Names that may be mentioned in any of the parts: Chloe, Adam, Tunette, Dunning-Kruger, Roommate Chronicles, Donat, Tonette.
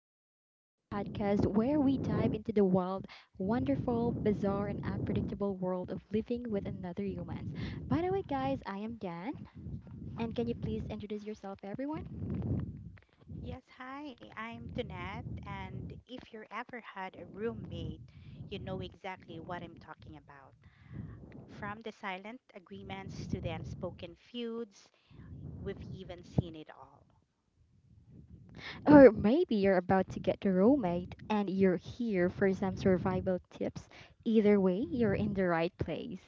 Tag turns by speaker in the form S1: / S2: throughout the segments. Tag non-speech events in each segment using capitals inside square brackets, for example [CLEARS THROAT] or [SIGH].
S1: Chronicles, the podcast where we dive into the wild, wonderful, bizarre, and unpredictable world of living with another humans. By the way, guys, I am Dan, and can you please introduce yourself, everyone?
S2: Yes, hi, I'm Tunette, and if you ever had a roommate, you know exactly what I'm talking about. From the silent agreements to the unspoken feuds, we've even seen it all.
S1: Or maybe you're about to get a roommate and you're here for some survival tips. Either way, you're in the right place.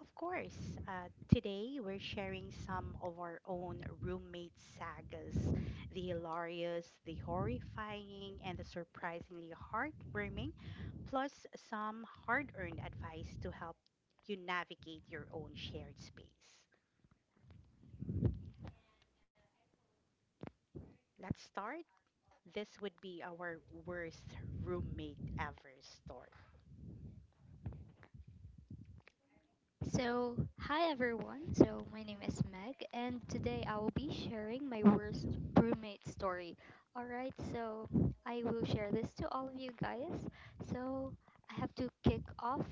S2: Of course, uh, Today we're sharing some of our own roommate sagas, the hilarious, the horrifying, and the surprisingly heartwarming, plus some hard earned advice to help you navigate your own shared space. Let's start. This would be our worst roommate ever story.
S3: Hi everyone. My name is Meg, and today I will be sharing my worst roommate story. Alright, so I will share this to all of you guys. So, I have to kick off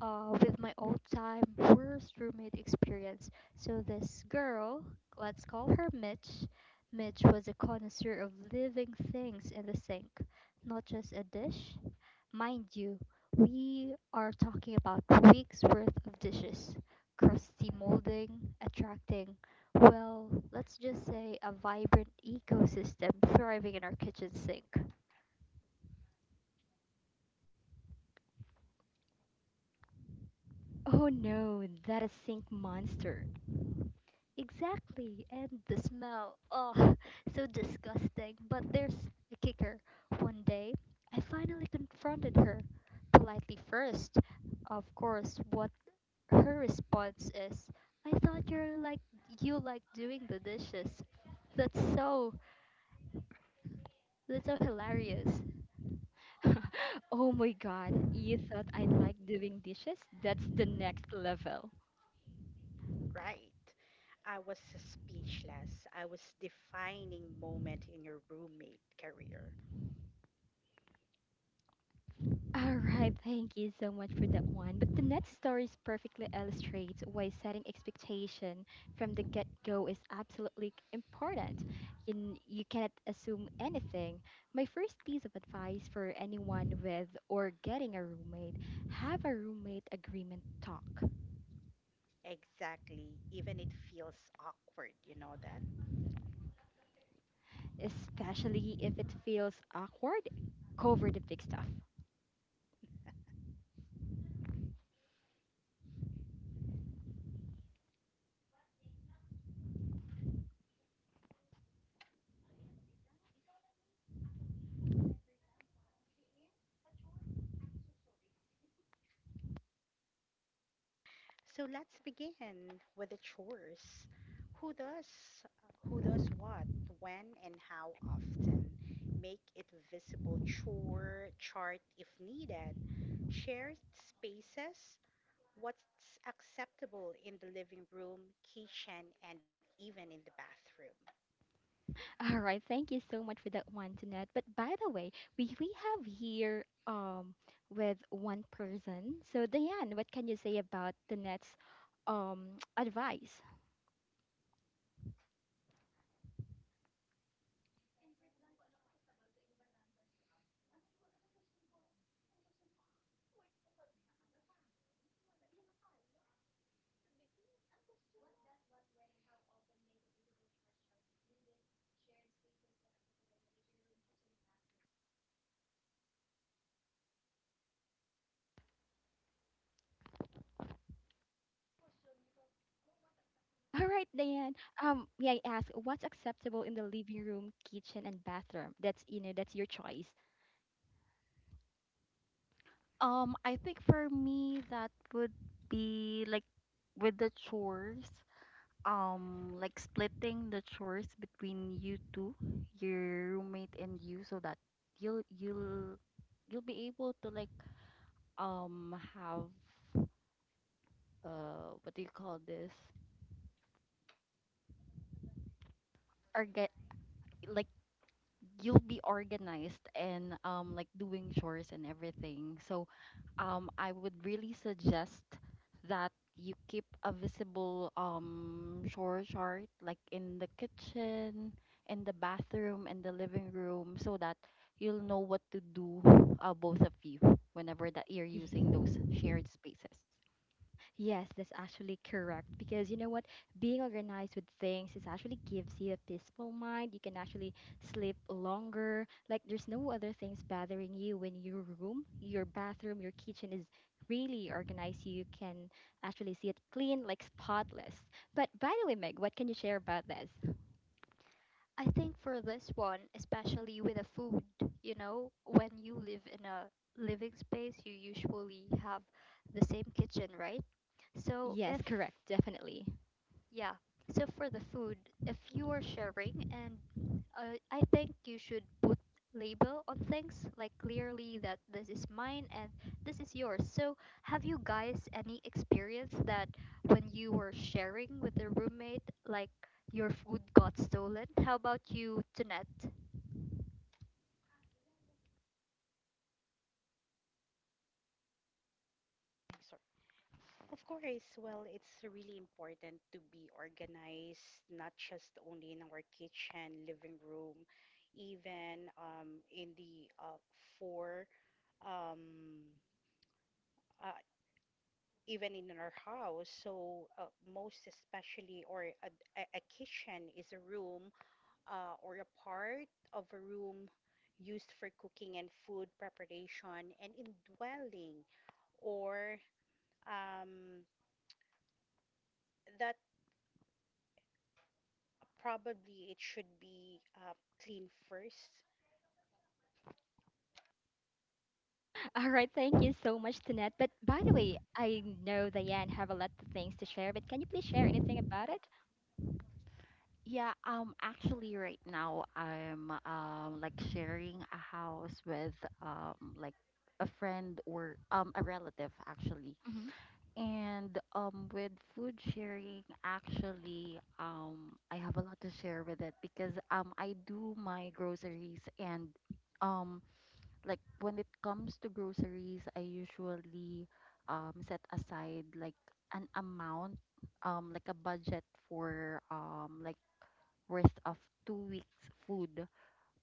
S3: with my all time worst roommate experience. So, this girl, let's call her Mitch, Mitch was a connoisseur of living things in the sink, not just a dish. Mind you, we are talking about weeks worth of dishes, crusty molding, attracting, well, let's just say a vibrant ecosystem thriving in our kitchen sink.
S1: Oh no, that is sink monster.
S3: Exactly, and the smell, oh, [LAUGHS] so disgusting. But there's a kicker. One day, I finally confronted her, politely first. Of course, what her response is, "I thought you're like you like doing the dishes." That's so that's so hilarious.
S1: [LAUGHS] Oh my god, you thought I'd like doing dishes? That's the next level.
S2: Right. I was speechless. I was defining moment in your roommate career.
S1: All right, thank you so much for that one. But the next story perfectly illustrates why setting expectation from the get-go is absolutely important. You cannot assume anything. My first piece of advice for anyone with or getting a roommate, have a roommate agreement talk,
S2: Exactly. Even it feels awkward, you know that?
S1: especially if it feels awkward. Cover the big stuff.
S2: So let's begin with the chores. Who does who does what, when and how often? Make it visible chore chart if needed. Shared spaces, what's acceptable in the living room, kitchen, and even in the bathroom.
S1: All right, thank you so much for that one, Jeanette. But by the way, we have here with one person. So Diane, what can you say about Jeanette's [TSK] advice? [LAUGHS] All right, Diane. May I ask what's acceptable in the living room, kitchen, and bathroom? That's, you know, that's your choice.
S4: I think for me that would be like with the chores, like splitting the chores between you two, your roommate and you, so that you'll you'll you'll be able to, like, have what do you call this? Or get, like, you'll be organized and like doing chores and everything. So I would really suggest that you keep a visible chore chart like in the kitchen, in the bathroom, in the living room so that you'll know what to do, both of you, whenever that you're using those
S1: [LAUGHS]
S4: shared spaces.
S1: Yes, that's actually correct, because you know what? Being organized with things is actually gives you a peaceful mind. You can actually sleep longer. Like, there's no other things bothering you when your room, your bathroom, your kitchen is really organized. You can actually see it clean, like spotless. But by the way, Meg, what can you share about this?
S3: I think for this one, especially with the food, you know, when you live in a living space, you usually have the same kitchen, right? So
S1: Yes,
S3: if
S1: correct, definitely.
S3: yeah. So for the food, if you are sharing, and I think you should put label on things like clearly that this is mine and this is yours. So have you guys any experience that when you were sharing with a roommate, like your food got stolen? How about you, Tonette?
S2: Ay, sorry. Of course, well, it's really important to be organized, not just only in our kitchen, living room, even in the four, um, uh, even in our house. So, most especially, or a kitchen is a room or a part of a room used for cooking and food preparation and indwelling, or um, that probably it should be clean first.
S1: [LAUGHS] All right, thank you so much, Tanette. But by the way, I know Diane have a lot of things to share, but can you please share anything about it?
S4: Yeah, actually right now I'm like sharing a house with like a friend or a relative actually. And with food sharing, actually, I have a lot to share with it because I do my groceries and um like when it comes to groceries I usually set aside like an amount, like a budget for, like, worth of 2 weeks food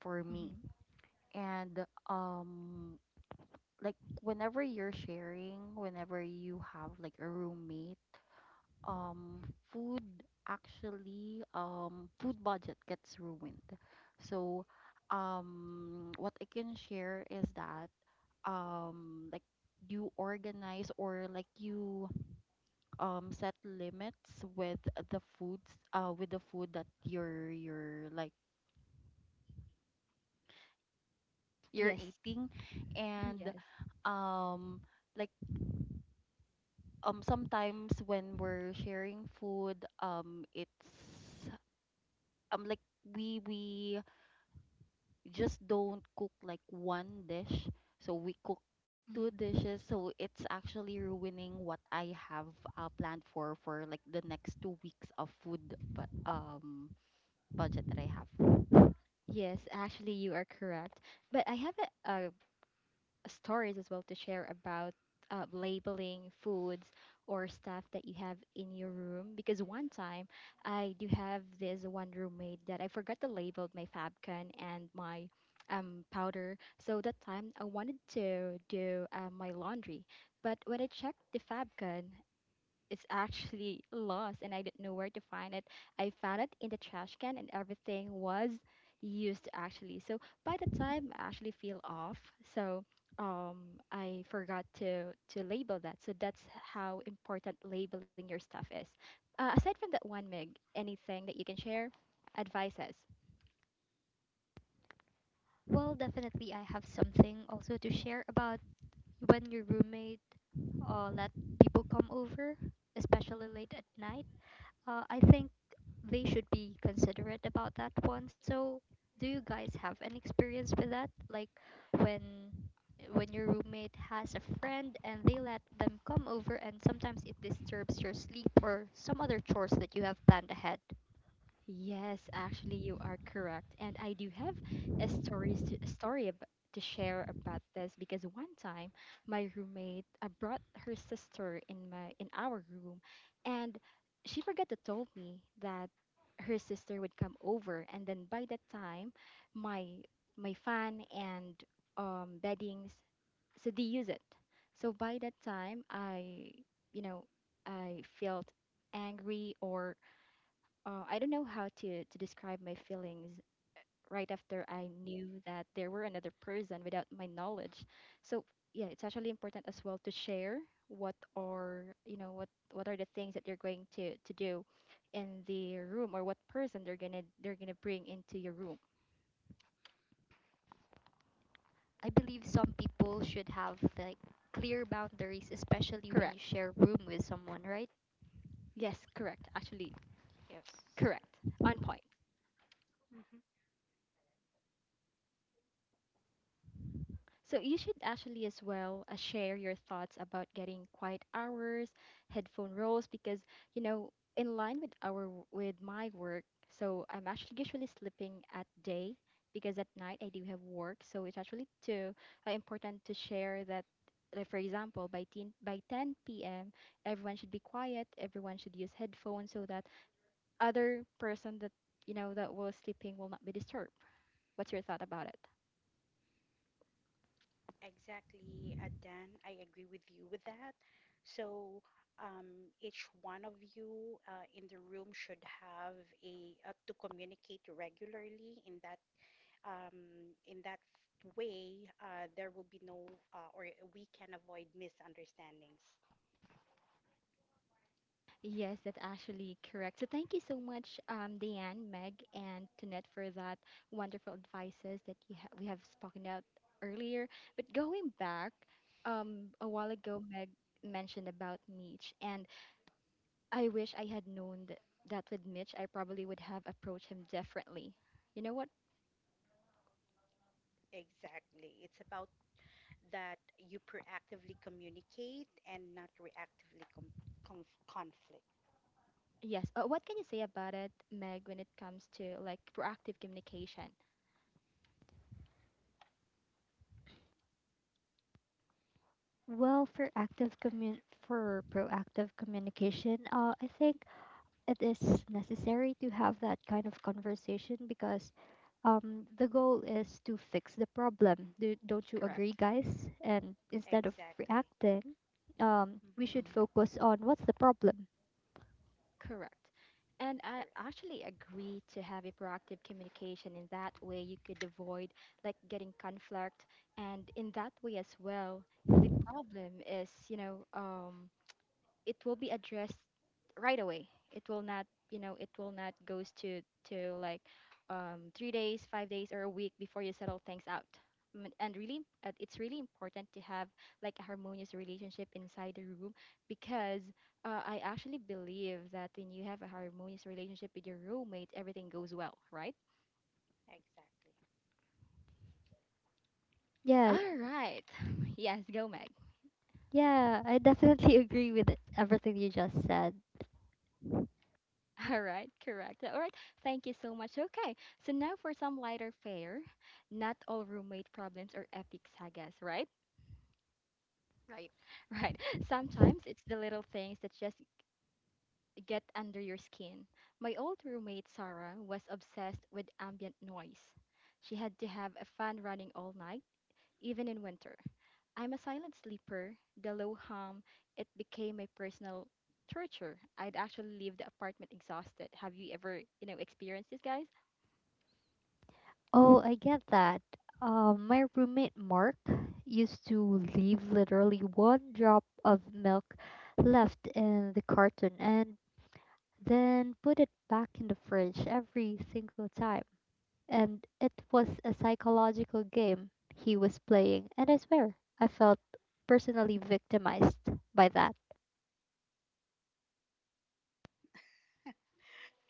S4: for me.
S1: Mm-hmm.
S4: And like whenever you're sharing, whenever you have like a roommate, um food, actually, food budget gets ruined. So what I can share is that, like, you organize or like you set limits with the food that you're like you're
S1: Yes,
S4: eating. and
S1: yes,
S4: um like, sometimes when we're sharing food, it's, like, we just don't cook like one dish, so we cook two
S1: hmm
S4: dishes, so it's actually ruining what I have planned for like the next 2 weeks of food, but budget that I have. Mhm.
S1: yes. Actually, you are correct. But I have a, stories as well to share about labeling foods or stuff that you have in your room. Because one time, I do have this one roommate that I forgot to label my Fabcon and my powder. So that time, I wanted to do my laundry, but when I checked the Fabcon, it's actually lost and I didn't know where to find it. I found it in the trash can and everything was used actually. So by the time I actually feel off, so I forgot to label that. So that's how important labeling your stuff is. Aside from that one, Mig, anything that you can share, advices.
S3: Well, definitely I have something also to share about when your roommate let people come over, especially late at night. I think they should be considerate about that one. So, do you guys have an experience with that? Like when when your roommate has a friend and they let them come over and sometimes it disturbs your sleep or some other chores that you have planned ahead.
S1: Yes, actually, you are correct. And I do have a stories to, a to share about this, because one time my roommate brought her sister in my in our room, and she forgot to tell me that her sister would come over. And then by that time, my my fan and, beddings, so they use it. So by that time, I, you know, I felt angry or, I don't know how to describe my feelings right after I knew that there were another person without my knowledge. So yeah, it's actually important as well to share what are, you know, what are the things that you're going to do in the room, or what person they're gonna bring into your room.
S3: I believe some people should have like clear boundaries, especially when you
S1: Correct.
S3: share room with someone, right?
S1: Yes, correct. Actually, correct. On point.
S2: Hmm
S1: So you should actually as well, share your thoughts about getting quiet hours, headphone rolls, because, you know, in line with our w- with my work, so I'm actually usually sleeping at day because at night I do have work. So it's actually too, important to share that. Like for example, by 10 p.m., everyone should be quiet. Everyone should use headphones so that other person that, you know, that was sleeping will not be disturbed. What's your thought about it?
S2: Exactly, Dan. I agree with you with that. So each one of you in the room should have a to communicate regularly in that way, there will be no, or we can avoid misunderstandings.
S1: Yes, that's actually correct. So thank you so much, Diane, Meg, and Tunette for that wonderful advices that we have spoken out earlier. But going back, a while ago, Meg mentioned about Mitch, and I wish I had known that with Mitch, I probably would have approached him differently. You know what?
S2: Exactly. It's about that you proactively communicate and not reactively conflict.
S1: Yes. What can you say about it, Meg, when it comes to like proactive communication?
S3: Well, for proactive communication, I think it is necessary to have that kind of conversation because the goal is to fix the problem. Don't you
S1: Correct.
S3: agree, guys? And instead of
S2: Exactly.
S3: reacting, we should
S2: hmm
S3: focus on what's the problem.
S1: Correct. And I
S2: Correct.
S1: actually agree to have a proactive communication. In that way, you could avoid like getting conflict. And in that way as well, the problem is, you know, it will be addressed right away. It will not, you know, it will not goes to like 3 days, 5 days, or a week before you settle things out. Mm. And really, it's really important to have like a harmonious relationship inside the room, because, I actually believe that when you have a harmonious relationship with your roommate, everything goes well, right?
S2: Exactly.
S3: Yeah,
S1: All right. [LAUGHS] Yes, go Meg.
S3: yeah, I definitely [LAUGHS] agree with it- everything you just said.
S1: [LAUGHS] All right, correct. All right, thank you so much. Okay, so now for some lighter fare. Not all roommate problems are epic sagas, right? [LAUGHS]
S4: Right.
S1: Right. Sometimes it's the little things that just get under your skin. My old roommate, Sarah, was obsessed with ambient noise. She had to have a fan running all night, even in winter. I'm a silent sleeper. The low hum, it became my personal torture. I'd actually leave the apartment exhausted. Have you ever, you know, experienced this, guys?
S3: Oh, I get that. My roommate Mark used to leave literally one drop of milk left in the carton, and then put it back in the fridge every single time. And it was a psychological game he was playing, and I swear, I felt personally victimized by that.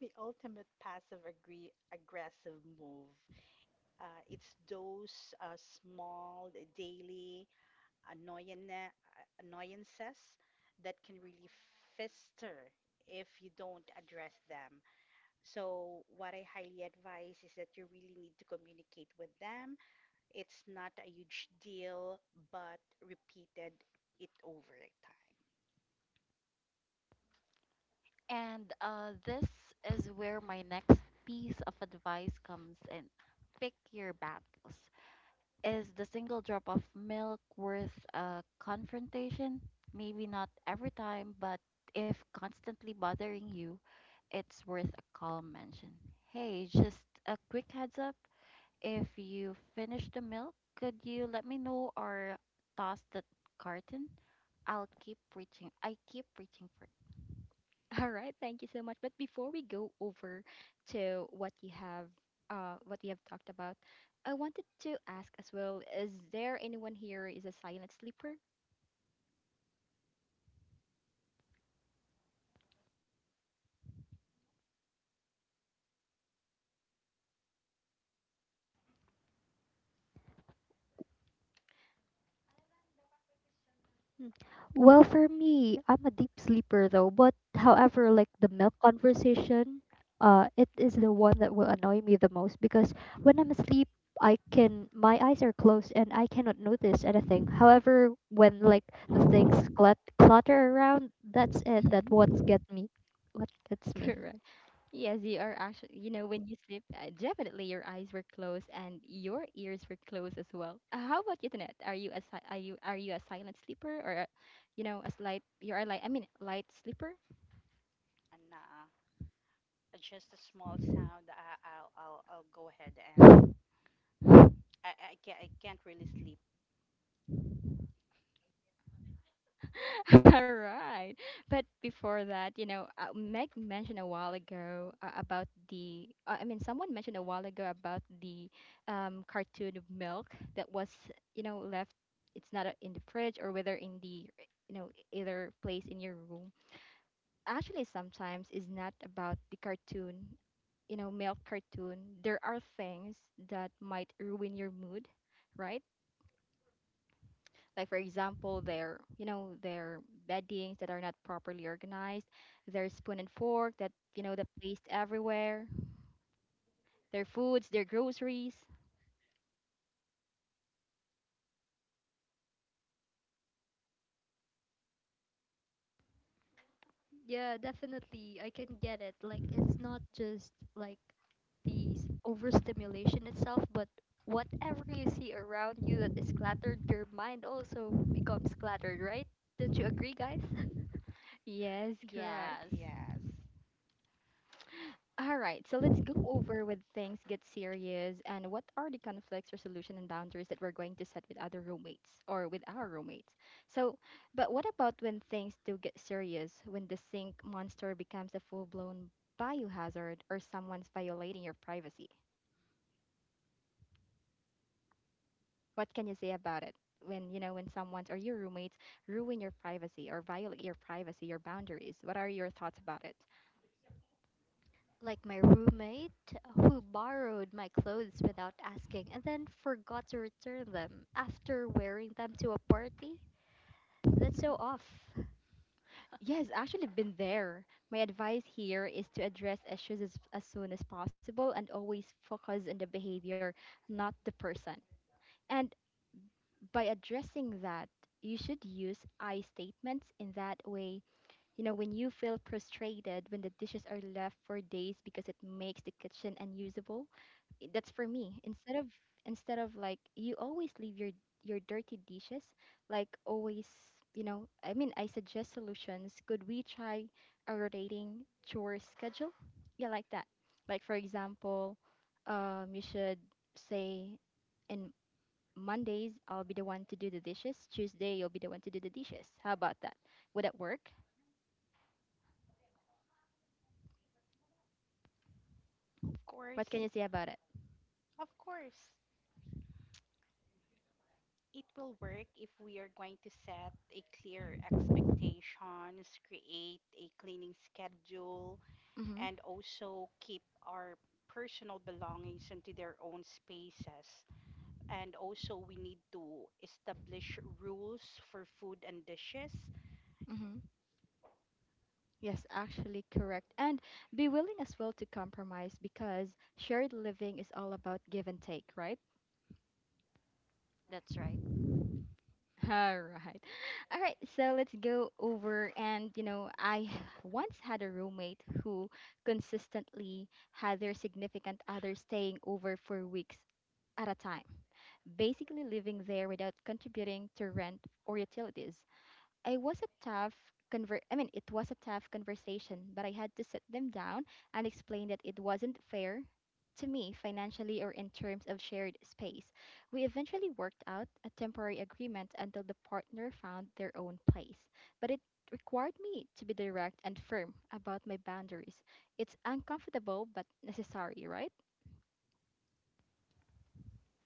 S2: The ultimate passive agree aggressive move. It's those small daily annoyance, annoyances that can really fester if you don't address them. So, what I highly advise is that you really need to communicate with them. It's not a huge deal, but repeated it over time.
S4: And this is where my next piece of advice comes in. Pick your battles. Is the single drop of milk worth a confrontation? Maybe not every time, but if constantly bothering you, it's worth a calm mention. Hey, just a quick heads up. If you finish the milk, could you let me know or toss the carton? I keep reaching for it.
S1: [LAUGHS] All right, thank you so much. But before we go over to what you have talked about, I wanted to ask as well: is there anyone here is a silent sleeper?
S3: Hmm. Well, for me, I'm a deep sleeper though, but however, like the milk conversation, it is the one that will annoy me the most because when I'm asleep, I can my eyes are closed and I cannot notice anything. However, when like the things clutter around, that's it. That what's
S1: hmm
S3: get me, What gets
S1: [LAUGHS]
S3: me.
S4: Mhm.
S1: Correct. Yes, you are actually. You know, when you sleep, definitely your eyes were closed and your ears were closed as well. How about you, Tanet? Are you a are you a silent sleeper or, a, you know, a slight? You are like, I mean, light sleeper.
S2: And just a small sound, I'll go ahead and I can't really sleep.
S1: [LAUGHS] All right. But before that, you know, Meg mentioned a while ago, about the, I mean, someone mentioned a while ago about the, cartoon of milk that was, you know, left, it's not, in the fridge or whether in the, you know, either place in your room. Actually, sometimes is not about the cartoon, you know, milk cartoon. There are things that might ruin your mood, right? Like for example, their, you know, their beddings that are not properly organized, their spoon and fork that, you know, that placed everywhere, their foods, their groceries.
S3: Yeah, definitely. I can get it. Like, it's not just like the overstimulation itself, but whatever you see around you that is cluttered, your mind also becomes cluttered, right? Don't you agree, guys? [LAUGHS]
S1: Yes, correct.
S4: Yes.
S2: Yes,
S1: All right, so let's go over when things get serious and what are the conflicts, resolution, and boundaries that we're going to set with other roommates or with our roommates. So, but what about when things do get serious, when the sink monster becomes a full blown biohazard or someone's violating your privacy? What can you say about it? When you know when someone or your roommates ruin your privacy or violate your privacy, your boundaries. What are your thoughts about it?
S3: Like my roommate who borrowed my clothes without asking and then forgot to return them after wearing them to a party. That's so off.
S1: Yes, actually been there. My advice here is to address issues as soon as possible and always focus on the behavior, not the person. And by addressing that, you should use I statements in that way. You know, when you feel frustrated when the dishes are left for days because it makes the kitchen unusable, that's for me. Instead of like you always leave your dirty dishes, like always, you know, I mean, I suggest solutions. Could we try a rotating chore schedule? Yeah, like that. Like for example, you should say in Mondays I'll be the one to do the dishes. Tuesday you'll be the one to do the dishes. How about that? Would that work?
S2: of course,
S1: What can you say about it?
S2: of course. It will work if we are going to set a clear expectations, create a cleaning schedule,
S1: Mm-hmm.
S2: and also keep our personal belongings into their own spaces. And also, we need to establish rules for food and dishes.
S1: Mm-hmm. Yes, actually correct. And be willing as well to compromise because shared living is all about give and take, right?
S4: That's right.
S1: [LAUGHS] All right. All right, so let's go over and, you know, I once had a roommate who consistently had their significant other staying over for weeks at a time, basically living there without contributing to rent or utilities. I was a tough I mean it was a tough conversation, but I had to sit them down and explain that it wasn't fair to me financially or in terms of shared space. We eventually worked out a temporary agreement until the partner found their own place, but it required me to be direct and firm about my boundaries. It's uncomfortable but necessary, right?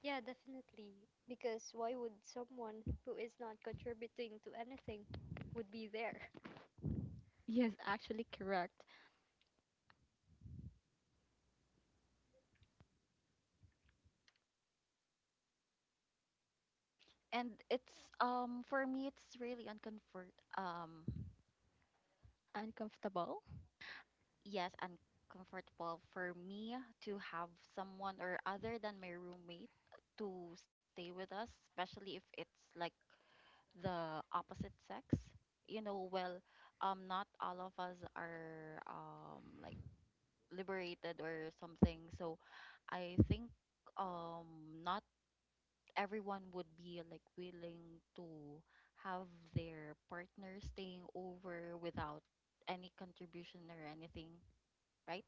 S3: Yeah, definitely. Because why would someone who is not contributing to anything would be there?
S1: Yes, actually correct.
S4: And it's for me it's really uncomfort um
S1: Uncomfortable.
S4: yes, uncomfortable for me to have someone or other than my roommate to stay with us, especially if it's like the opposite sex. You know, well, not all of us are, like, liberated or something. So I think not everyone would be like willing to have their partner staying over without any contribution or anything, right?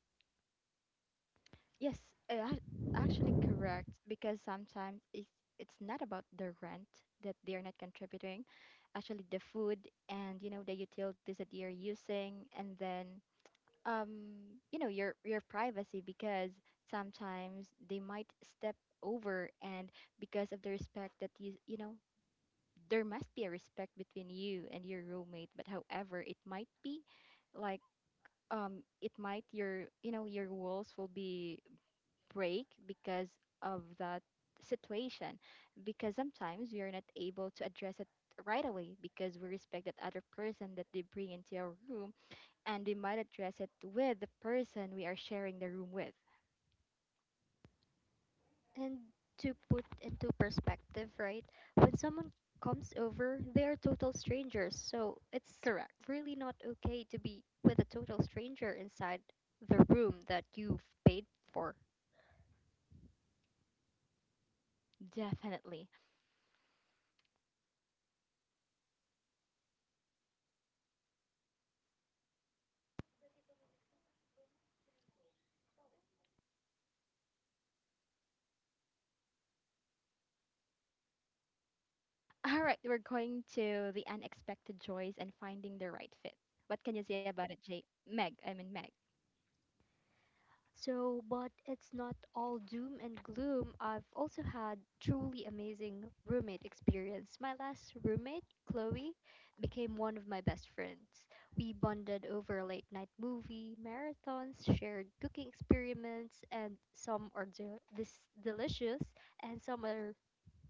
S1: Yes, uh, ac- actually correct, because sometimes it's not about the rent that they're not contributing, actually the food and, you know, the utilities that you're using. And then you know, your privacy, because sometimes they might step over. And because of the respect that you know, there must be a respect between you and your roommate. But however, it might be like, it might your, you know, your walls will be break because of that situation, because sometimes we are not able to address it right away, because we respect that other person that they bring into our room, and we might address it with the person we are sharing the room with.
S3: And to put into perspective, right? When someone comes over, they are total strangers. So it's
S1: Correct.
S3: really not okay to be with a total stranger inside the room that you've paid for.
S1: Definitely. All right, we're going to the unexpected joys and finding the right fit. What can you say about it, jay meg I mean meg
S3: So, but it's not all doom and gloom. I've also had truly amazing roommate experience. My last roommate, Chloe, became one of my best friends. We bonded over late night movie marathons, shared cooking experiments, and this delicious and some are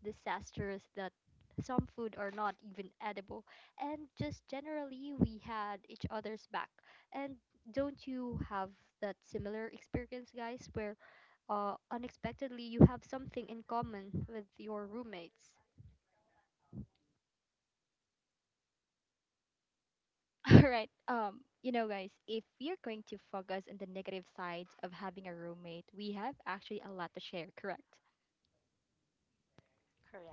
S3: disastrous that some food are not even edible. And just generally, we had each other's back. And don't you have that similar experience, guys, where unexpectedly you have something in common with your roommates?
S1: [LAUGHS] All right. You know, guys, if we are going to focus on the negative sides of having a roommate, we have actually a lot to share, correct?
S2: Correct.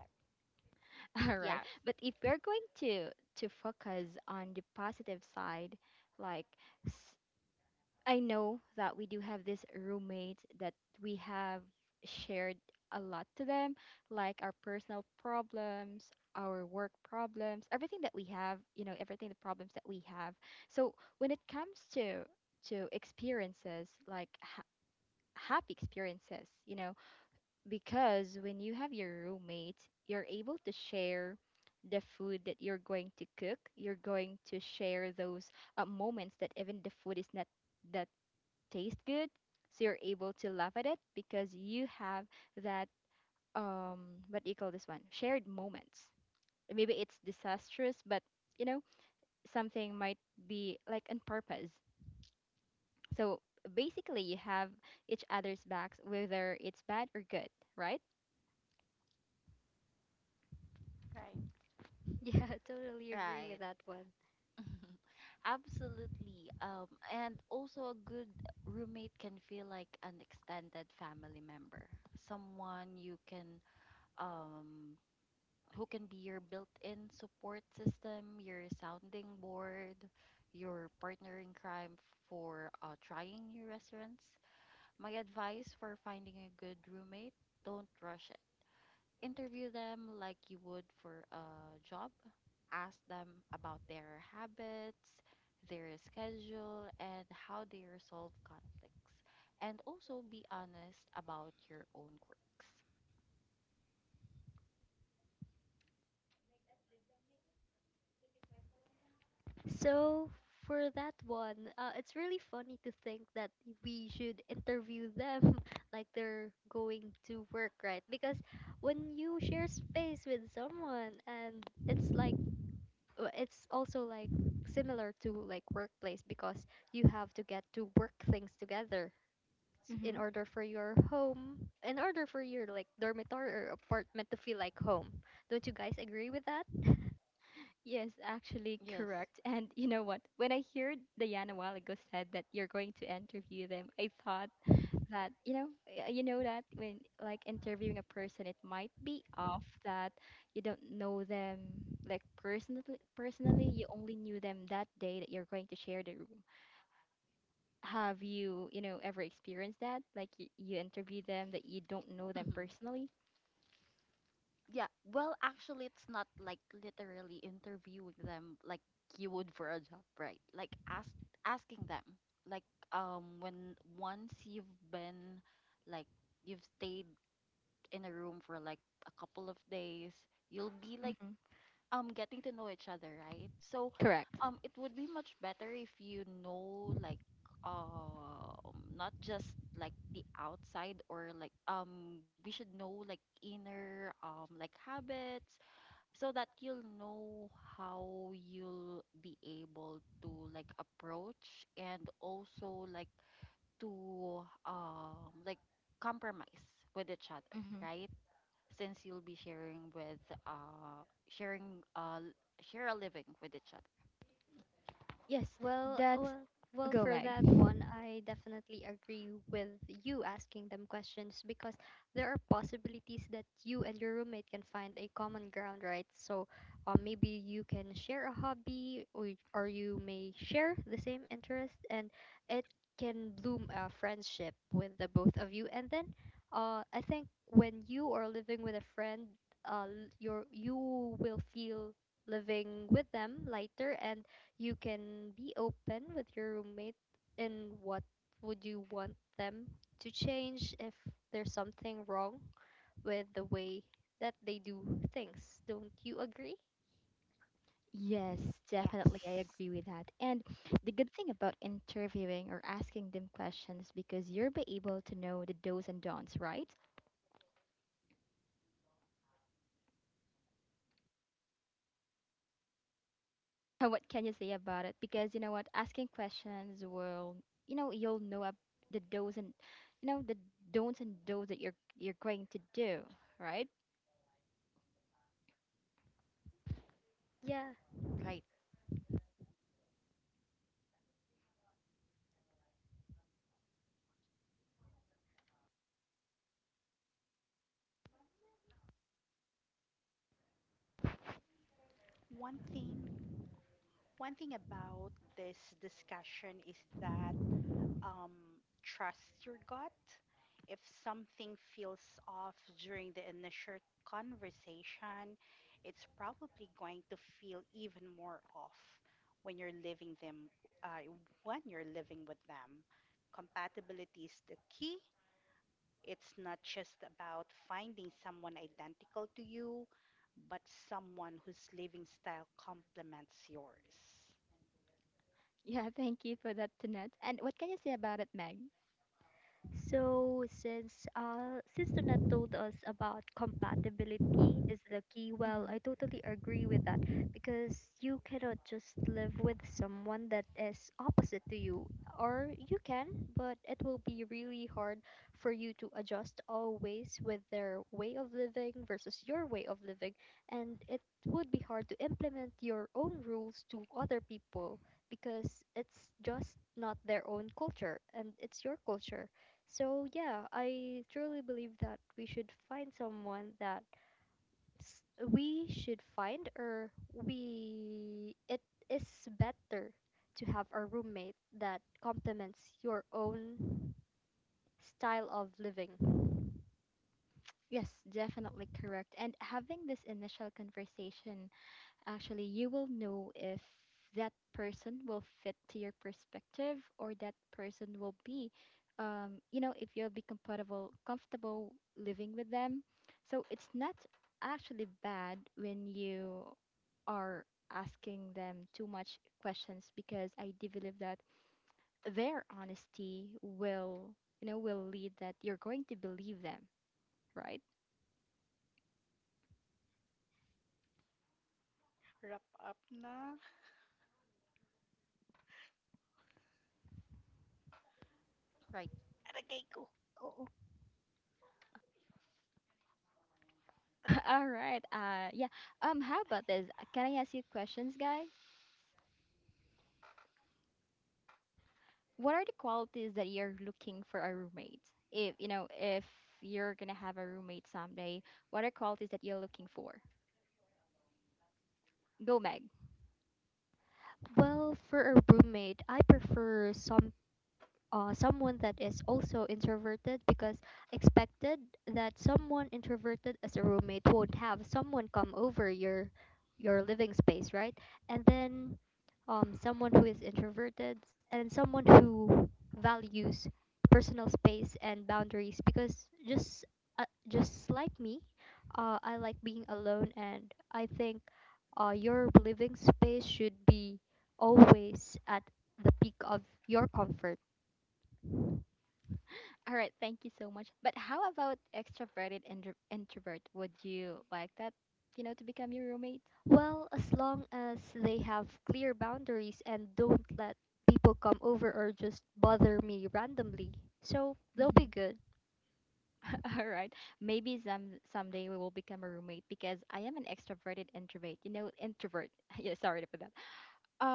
S1: [LAUGHS] All
S4: Yeah,
S1: right. But if we're going to focus on the positive side, like, I know that we do have this roommate that we have shared a lot to them, like our personal problems, our work problems, everything that we have, you know, everything, the problems that we have. So when it comes to experiences, like happy experiences, you know, because when you have your roommate, you're able to share the food that you're going to cook. You're going to share those moments that even the food is not that taste good, so you're able to laugh at it, because you have that um what do you call this one, shared moments. Maybe it's disastrous, but, you know, something might be like on purpose. So basically, you have each other's backs, whether it's bad or good, right?
S2: Right.
S3: [LAUGHS] Yeah, I totally agree
S4: right.
S3: with that one.
S4: Absolutely. And also a good roommate can feel like an extended family member, someone you can, um who can be your built-in support system, your sounding board, your partner in crime for, trying new restaurants. My advice for finding a good roommate: don't rush it. Interview them like you would for a job. Ask them about their habits, their schedule, and how they resolve conflicts. And also be honest about your own quirks.
S3: So for that one, it's really funny to think that we should interview them [LAUGHS] like they're going to work, right? Because when you share space with someone, and it's like it's also like similar to like workplace because you have to get to work things together in
S1: Mm-hmm.
S3: order for your home, in order for your like dormitory or apartment to feel like home. Don't you guys agree with that?
S1: Yes, actually
S4: Yes.
S1: correct. [LAUGHS] And you know what? When I heard Diana a while ago said that you're going to interview them, I thought that, you know, you know, that when like interviewing a person, it might be off that you don't know them like personally. Personally, you only knew them that day that you're going to share the room. Have you, you know, ever experienced that, like you interview them that you don't know them
S4: [LAUGHS] [CLEARS THROAT]
S1: personally?
S4: Yeah, well, actually, it's not like literally interviewing them like you would for a job, right? Like asking them, like, when once you've been, like, you've stayed in a room for like a couple of days, you'll be like,
S1: Mm-hmm.
S4: getting to know each other, right? So,
S1: Correct.
S4: it would be much better if you know, like, not just like the outside, or like, we should know like inner, like, habits, so that you'll know how you'll be able to like approach and also like to, like, compromise with each other,
S1: Mm-hmm.
S4: right? Since you'll be sharing with, uh sharing uh l- share a living with each other.
S1: Yes.
S3: Well,
S1: That's
S3: well, well,
S1: go,
S3: for
S1: Mag.
S3: that one, I definitely agree with you asking them questions because there are possibilities that you and your roommate can find a common ground, right? So, maybe you can share a hobby, or you may share the same interest, and it can bloom a friendship with the both of you. And then, I think when you are living with a friend, uh, your you will feel living with them lighter and you can be open with your roommate in what would you want them to change if there's something wrong with the way that they do things. Don't you agree?
S1: Yes, definitely I
S4: Yes.
S1: agree with that. And the good thing about interviewing or asking them questions, because you'll be able to know the do's and don'ts, right? [LAUGHS] What can you say about it? Because you know what, asking questions will, you know, you'll know the do's and, you know, the don'ts and do's that you're going to do, right? [LAUGHS]
S3: Yeah,
S4: Right.
S2: One thing, one thing about this discussion is that um, trust your gut. If something feels off during the initial conversation, it's probably going to feel even more off when you're living them, uh, when you're living with them. Compatibility is the key. It's not just about finding someone identical to you, but someone whose living style complements yours.
S1: Yeah, thank you for that, Tanette. And what can you say about it, Meg?
S3: so since Donat told us about compatibility is the key, well, I
S1: Mm-hmm.
S3: totally agree with that because you cannot just live with someone that is opposite to you. Or you can, but it will be really hard for you to adjust always with their way of living versus your way of living, and it would be hard to implement your own rules to other people because it's just not their own culture and it's your culture so yeah, I truly believe that we should find someone that s- we should find or we it is better to have a roommate that complements your own style of living.
S1: Yes, definitely correct. And having this initial conversation, actually, you will know if that person will fit to your perspective, or that person will be, you know, if you'll be compatible, comfortable living with them. So it's not actually bad when you are asking them too much questions, because I do believe that their honesty will, you know, will lead that you're going to believe them, right?
S2: Wrap up na.
S4: right
S2: Aray, ko. Oo. Aray.
S1: [LAUGHS] All right. Yeah. How about this? Can I ask you questions, guy? What are the qualities that you're looking for a roommate? If you know, if you're gonna have a roommate someday, what are qualities that you're looking for? Go, Meg.
S3: Well, for a roommate, I prefer someone that is also introverted because expected that someone introverted as a roommate won't have someone come over your living space, right? And then someone who is introverted and someone who values personal space and boundaries because just like me, I like being alone and I think your living space should be always at the peak of your comfort.
S1: All right, thank you so much. But how about extroverted and introvert? Would you like that, you know, to become your roommate?
S3: Well, as long as they have clear boundaries and don't let people come over or just bother me randomly. So they'll be
S1: Hmm.
S3: good.
S1: [LAUGHS] All right. Maybe some someday we will become a roommate, because I am an extroverted introvert. You know, introvert. [LAUGHS] Yeah, sorry for that.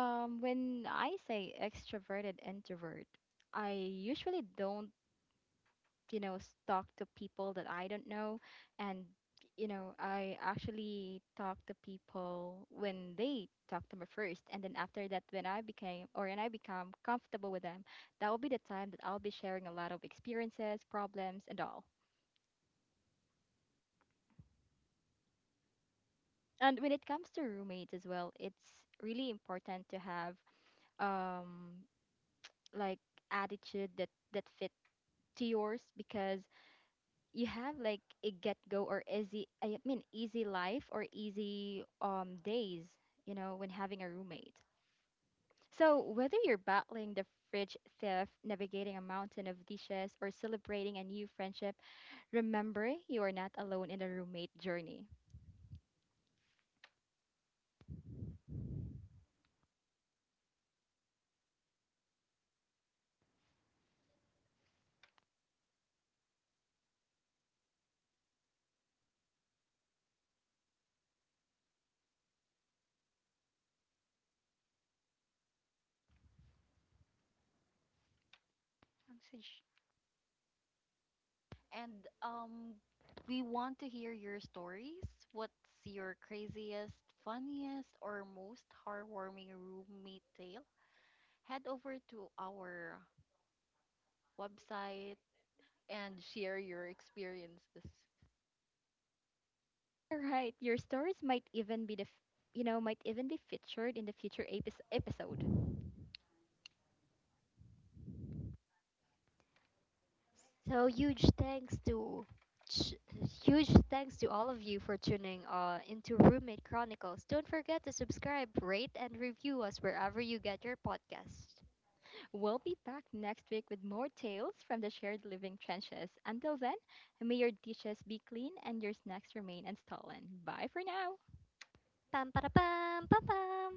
S1: When I say extroverted introvert, I usually don't, you know, talk to people that I don't know. And, you know, I actually talk to people when they talk to me first, and then after that, when I became, or when I become comfortable with them, that will be the time that I'll be sharing a lot of experiences, problems, and all. And when it comes to roommates as well, it's really important to have um like attitude that fit to yours, because you have like a get go, or easy, I mean, easy life, or easy days, you know, when having a roommate. So whether you're battling the fridge theft, navigating a mountain of dishes, or celebrating a new friendship, remember, you are not alone in the roommate journey.
S2: Ang
S4: and um we want to hear your stories. What's your craziest, funniest, or most heartwarming roommate tale? Head over to our website and share your experiences.
S1: All right, your stories might even be the you know, might even be featured in the future apis episode.
S3: So ch- huge thanks to all of you for tuning into Roommate Chronicles. Don't forget to subscribe, rate, and review us wherever you get your podcast.
S1: We'll be back next week with more tales from the shared living trenches. Until then, may your dishes be clean and your snacks remain unstolen. Bye for now.
S3: Pam para pam pam pam.